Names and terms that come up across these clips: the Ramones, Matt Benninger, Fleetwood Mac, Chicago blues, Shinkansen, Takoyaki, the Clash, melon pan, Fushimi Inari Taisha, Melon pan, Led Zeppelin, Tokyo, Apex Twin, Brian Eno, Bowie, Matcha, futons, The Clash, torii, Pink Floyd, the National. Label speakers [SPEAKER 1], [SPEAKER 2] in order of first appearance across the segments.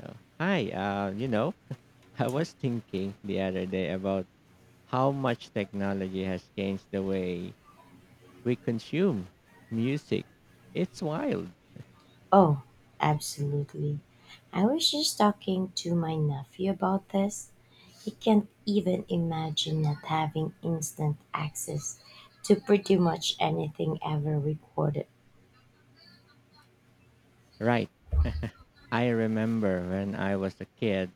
[SPEAKER 1] So, hi, uh, you know, I was thinking the other day about how much technology has changed the way we consume music. It's wild,
[SPEAKER 2] Oh, absolutely. I was just talking to my nephew about this. He can't even imagine not having instant access to pretty much anything ever recorded.
[SPEAKER 1] right? I remember when I was a kid,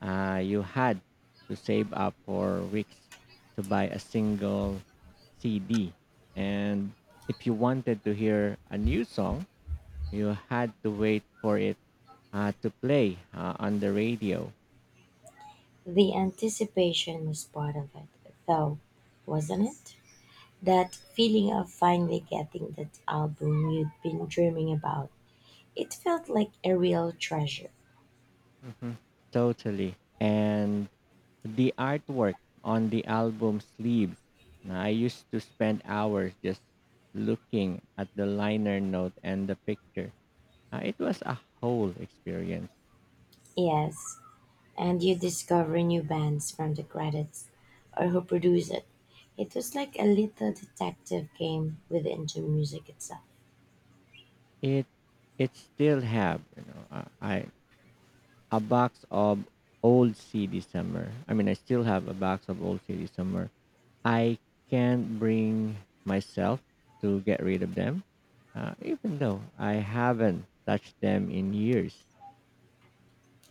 [SPEAKER 1] you had to save up for weeks to buy a single CD. And if you wanted to hear a new song, you had to wait for it to play on the radio.
[SPEAKER 2] The anticipation was part of it, though, wasn't it? That feeling of finally getting that album you'd been dreaming about. It felt like a real treasure.
[SPEAKER 1] Hmm. Totally. And the artwork on the album sleeves. Now, I used to spend hours just looking at the liner note and the picture. It was a whole experience.
[SPEAKER 2] Yes, and you discover new bands from the credits or who produced it. It was like a little detective game within the music itself.
[SPEAKER 1] It it still have you know I a box of old CD somewhere. I mean, I still have a box of old CD somewhere. I can't bring myself to get rid of them, even though I haven't touched them in years.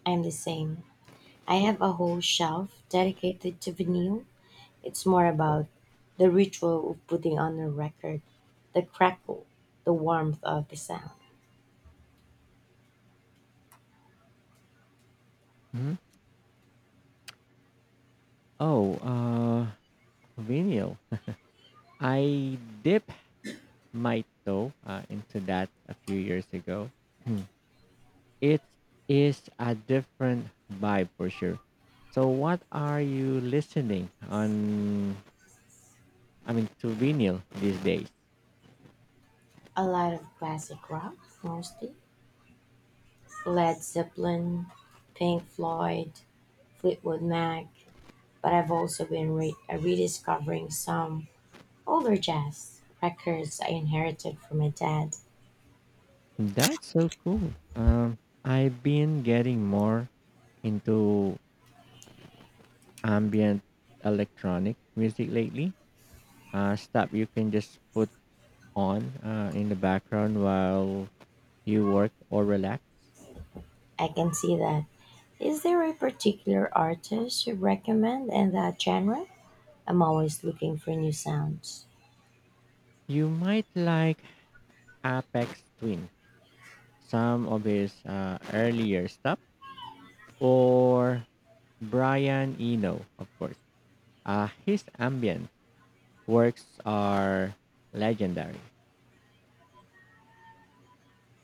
[SPEAKER 2] I'm the same. I have a whole shelf dedicated to vinyl. It's more about the ritual of putting on a record, the crackle, the warmth of the sound.
[SPEAKER 1] Hmm. Oh, vinyl. I dipped my toe into that a few years ago. Hmm, it is a different vibe for sure. So, what are you listening on? I mean, to vinyl these days.
[SPEAKER 2] A lot of classic rock, mostly. Led Zeppelin, Pink Floyd, Fleetwood Mac, but I've also been rediscovering some older jazz records I inherited from my dad.
[SPEAKER 1] That's so cool. I've been getting more into ambient electronic music lately. Stuff you can just put on in the background while you work or relax.
[SPEAKER 2] I can see that. Is there a particular artist you recommend in that genre? I'm always looking for new sounds.
[SPEAKER 1] You might like Apex Twin, some of his earlier stuff, or Brian Eno, of course. His ambient works are legendary.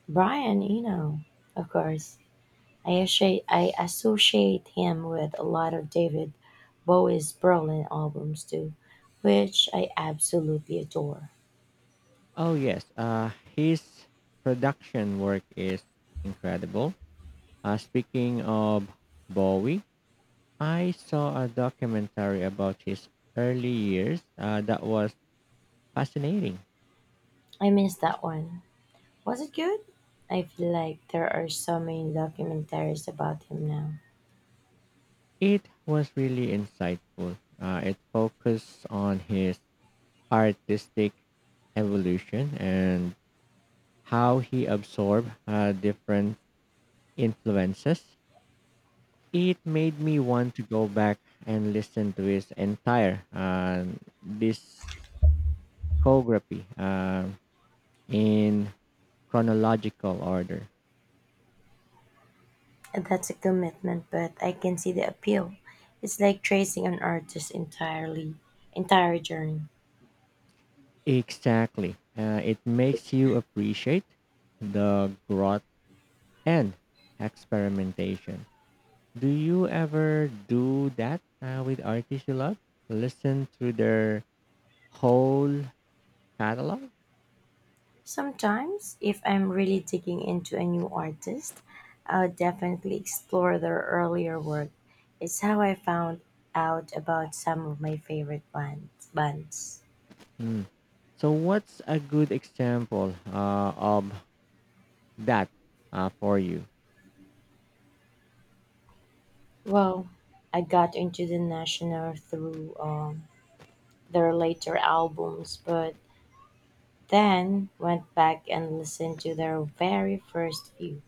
[SPEAKER 2] Brian Eno, of course. I associate him with a lot of David Bowie's Berlin albums too, which I absolutely adore.
[SPEAKER 1] Oh, yes, his production work is incredible. Speaking of Bowie, I saw a documentary about his early years that was fascinating.
[SPEAKER 2] I missed that one. Was it good? I feel like there are so many documentaries about him now.
[SPEAKER 1] It was really insightful. It focused on his artistic evolution and how he absorbed different influences. It made me want to go back and listen to his entire discography uh, in chronological order.
[SPEAKER 2] That's a commitment, but I can see the appeal. It's like tracing an artist's entirely entire journey.
[SPEAKER 1] Exactly. It makes you appreciate the growth and experimentation. Do you ever do that with artists you love? Listen through their whole catalog?
[SPEAKER 2] Sometimes, if I'm really digging into a new artist, I'll definitely explore their earlier work. It's how I found out about some of my favorite bands.
[SPEAKER 1] Mm. So, what's a good example of that for you?
[SPEAKER 2] Well, I got into the National through their later albums, but then went back and listened to their very first few.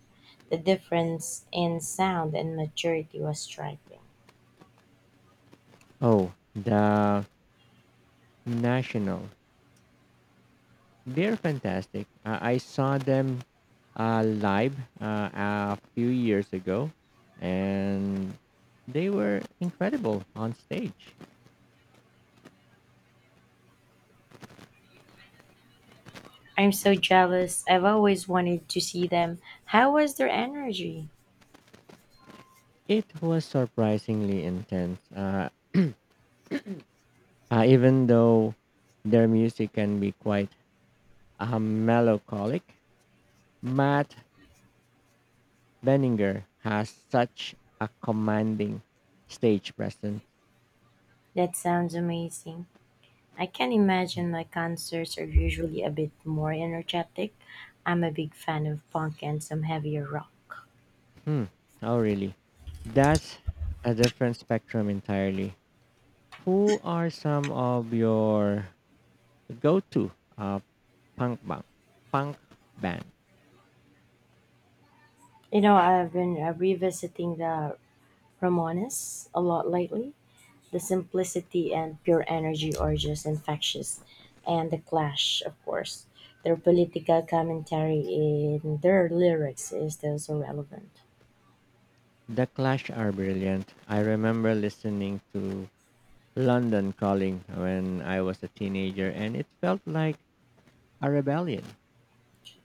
[SPEAKER 2] The difference in sound and maturity was striking.
[SPEAKER 1] Oh, the National. They're fantastic. I saw them live uh, a few years ago, and they were incredible on stage.
[SPEAKER 2] I'm so jealous. I've always wanted to see them. How was their energy?
[SPEAKER 1] It was surprisingly intense, even though their music can be quite melancholic. Matt Benninger has such a commanding stage presence.
[SPEAKER 2] That sounds amazing. I can imagine my concerts are usually a bit more energetic. I'm a big fan of punk and some heavier rock.
[SPEAKER 1] Hmm. Oh, really? That's a different spectrum entirely. Who are some of your go-to uh, punk band? Punk band.
[SPEAKER 2] You know, I've been revisiting the Ramones a lot lately. The simplicity and pure energy are just infectious. And The Clash, of course. Their political commentary in their lyrics is still so relevant.
[SPEAKER 1] The Clash are brilliant. I remember listening to London Calling when I was a teenager, and it felt like a rebellion.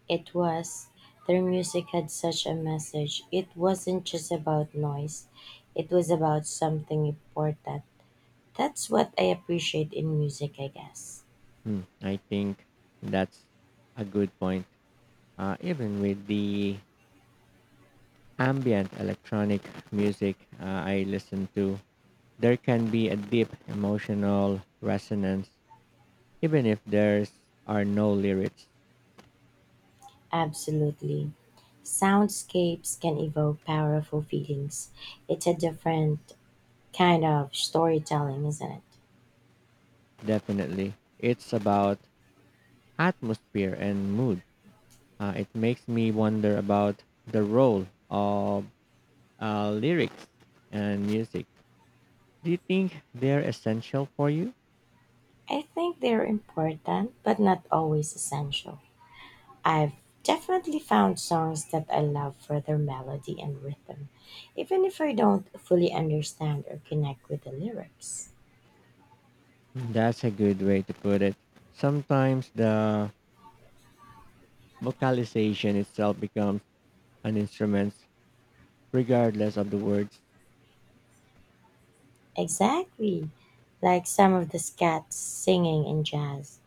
[SPEAKER 2] It was, their music had such a message. It wasn't just about noise, it was about something important. That's what I appreciate in music, I guess.
[SPEAKER 1] Hmm, I think that's a good point. Even with the ambient electronic music I listen to, there can be a deep emotional resonance, even if there's are no lyrics.
[SPEAKER 2] Absolutely. Soundscapes can evoke powerful feelings. It's a different kind of storytelling, isn't it?
[SPEAKER 1] Definitely. It's about atmosphere and mood. It makes me wonder about the role of lyrics and music. Do you think they're essential for you?
[SPEAKER 2] I think they're important, but not always essential. I've definitely found songs that I love for their melody and rhythm, even if I don't fully understand or connect with the lyrics.
[SPEAKER 1] That's a good way to put it. Sometimes the vocalization itself becomes an instrument regardless of the words.
[SPEAKER 2] Exactly, like some of the scat singing in jazz,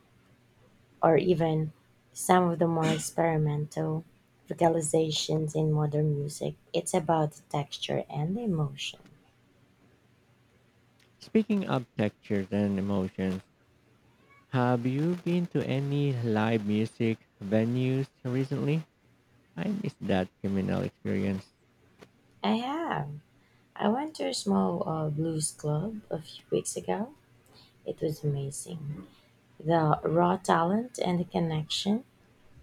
[SPEAKER 2] or even some of the more experimental vocalizations in modern music. It's about the texture and the emotion.
[SPEAKER 1] Speaking of textures and emotions, have you been to any live music venues recently? I miss that communal experience.
[SPEAKER 2] I have. I went to a small blues club a few weeks ago. It was amazing. The raw talent and the connection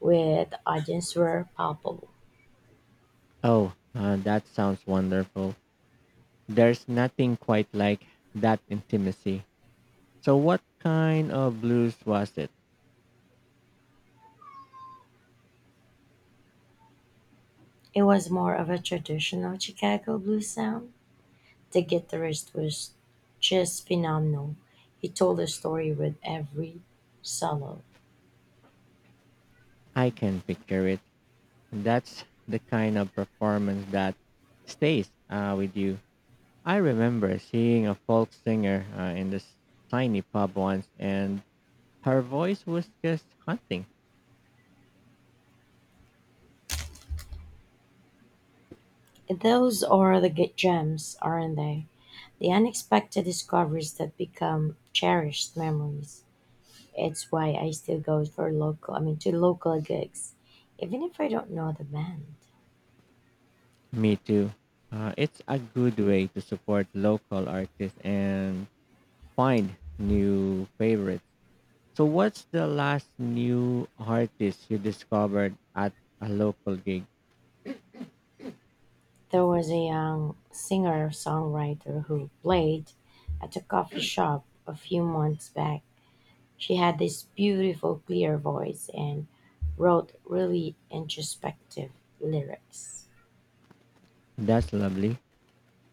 [SPEAKER 2] with the audience were palpable.
[SPEAKER 1] Oh, that sounds wonderful. There's nothing quite like that intimacy. So, what kind of blues was it?
[SPEAKER 2] It was more of a traditional Chicago blues sound. The guitarist was just phenomenal. He told a story with every solo.
[SPEAKER 1] I can picture it. That's the kind of performance that stays with you. I remember seeing a folk singer in this tiny pub once, and her voice was just haunting.
[SPEAKER 2] Those are the gems, aren't they? The unexpected discoveries that become cherished memories. It's why I still go for local, I mean, to local gigs, even if I don't know the band.
[SPEAKER 1] Me too. It's a good way to support local artists and find new favorites. So, what's the last new artist you discovered at a local gig?
[SPEAKER 2] There was a young singer-songwriter who played at a coffee shop a few months back. She had this beautiful clear voice and wrote really introspective lyrics.
[SPEAKER 1] That's lovely.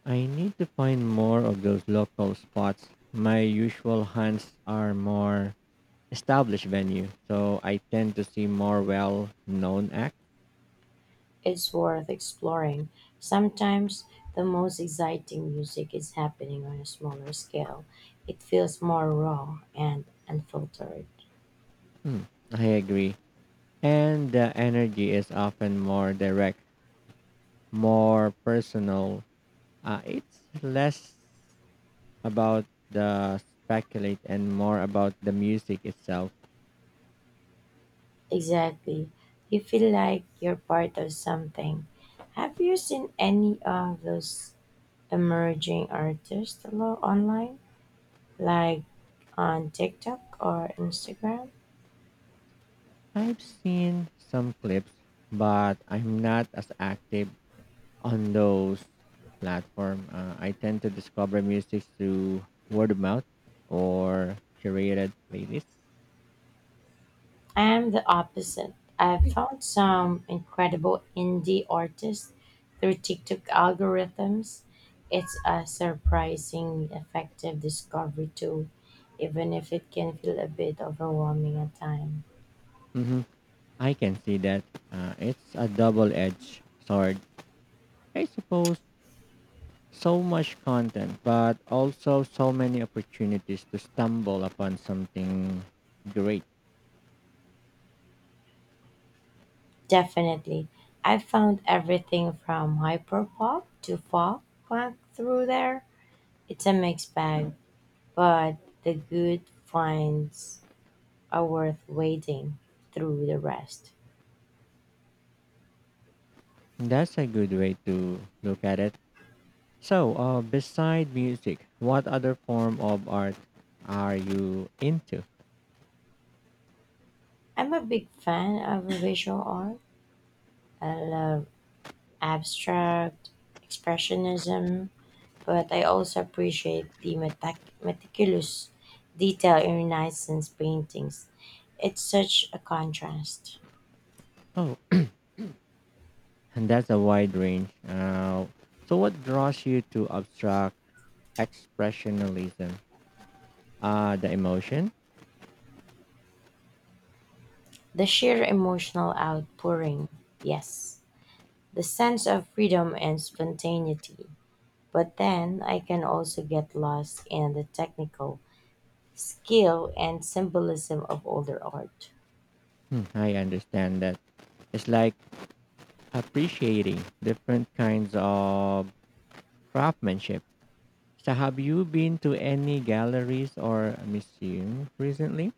[SPEAKER 1] I need to find more of those local spots. My usual hunts are more established venue, so I tend to see more well-known acts.
[SPEAKER 2] It's worth exploring. Sometimes the most exciting music is happening on a smaller scale. It feels more raw and unfiltered.
[SPEAKER 1] Mm, I agree, and the energy is often more direct, more personal. It's less about the speculate and more about the music itself.
[SPEAKER 2] Exactly. You feel like you're part of something. Have you seen any of those emerging artists online, like on TikTok or Instagram?
[SPEAKER 1] I've seen some clips, but I'm not as active on those platform. I tend to discover music through word of mouth or curated playlists.
[SPEAKER 2] I am the opposite. I've found some incredible indie artists through TikTok algorithms. It's a surprising effective discovery tool, even if it can feel a bit overwhelming at times.
[SPEAKER 1] Hmm, I can see that, it's a double-edged sword. I suppose so much content, but also so many opportunities to stumble upon something great.
[SPEAKER 2] Definitely. I found everything from hyperpop to folk punk through there. It's a mixed bag. But the good finds are worth wading through the rest.
[SPEAKER 1] That's a good way to look at it. So, beside music, what other form of art are you into?
[SPEAKER 2] I'm a big fan of visual art. I love abstract expressionism, but I also appreciate the meticulous detail in Renaissance paintings. It's such a contrast.
[SPEAKER 1] Oh, and that's a wide range. So, what draws you to abstract expressionalism? The emotion?
[SPEAKER 2] The sheer emotional outpouring, yes. The sense of freedom and spontaneity, but then I can also get lost in the technical skill and symbolism of older art.
[SPEAKER 1] Hmm, I understand that. It's like appreciating different kinds of craftsmanship. So, have you been to any galleries or museum recently?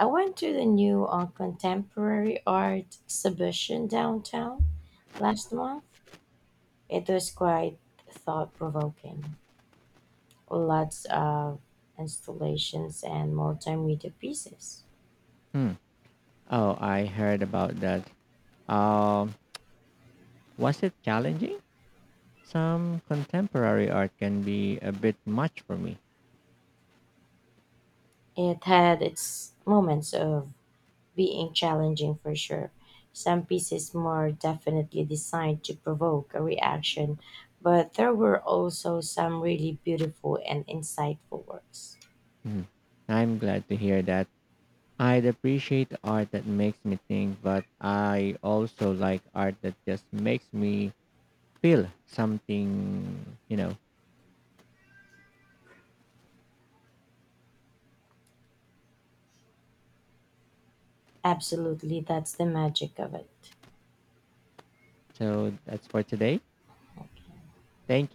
[SPEAKER 2] I went to the new contemporary art exhibition downtown last month. It was quite thought provoking. Lots of installations and multimedia pieces.
[SPEAKER 1] Hmm. Oh, I heard about that. Um, was it challenging? Some contemporary art can be a bit much for me.
[SPEAKER 2] It had its moments of being challenging for sure. Some pieces more definitely designed to provoke a reaction, but there were also some really beautiful and insightful works.
[SPEAKER 1] Mhm. I'm glad to hear that. I'd appreciate art that makes me think, but I also like art that just makes me feel something, you know.
[SPEAKER 2] Absolutely, that's the magic of it.
[SPEAKER 1] So that's for today. Thank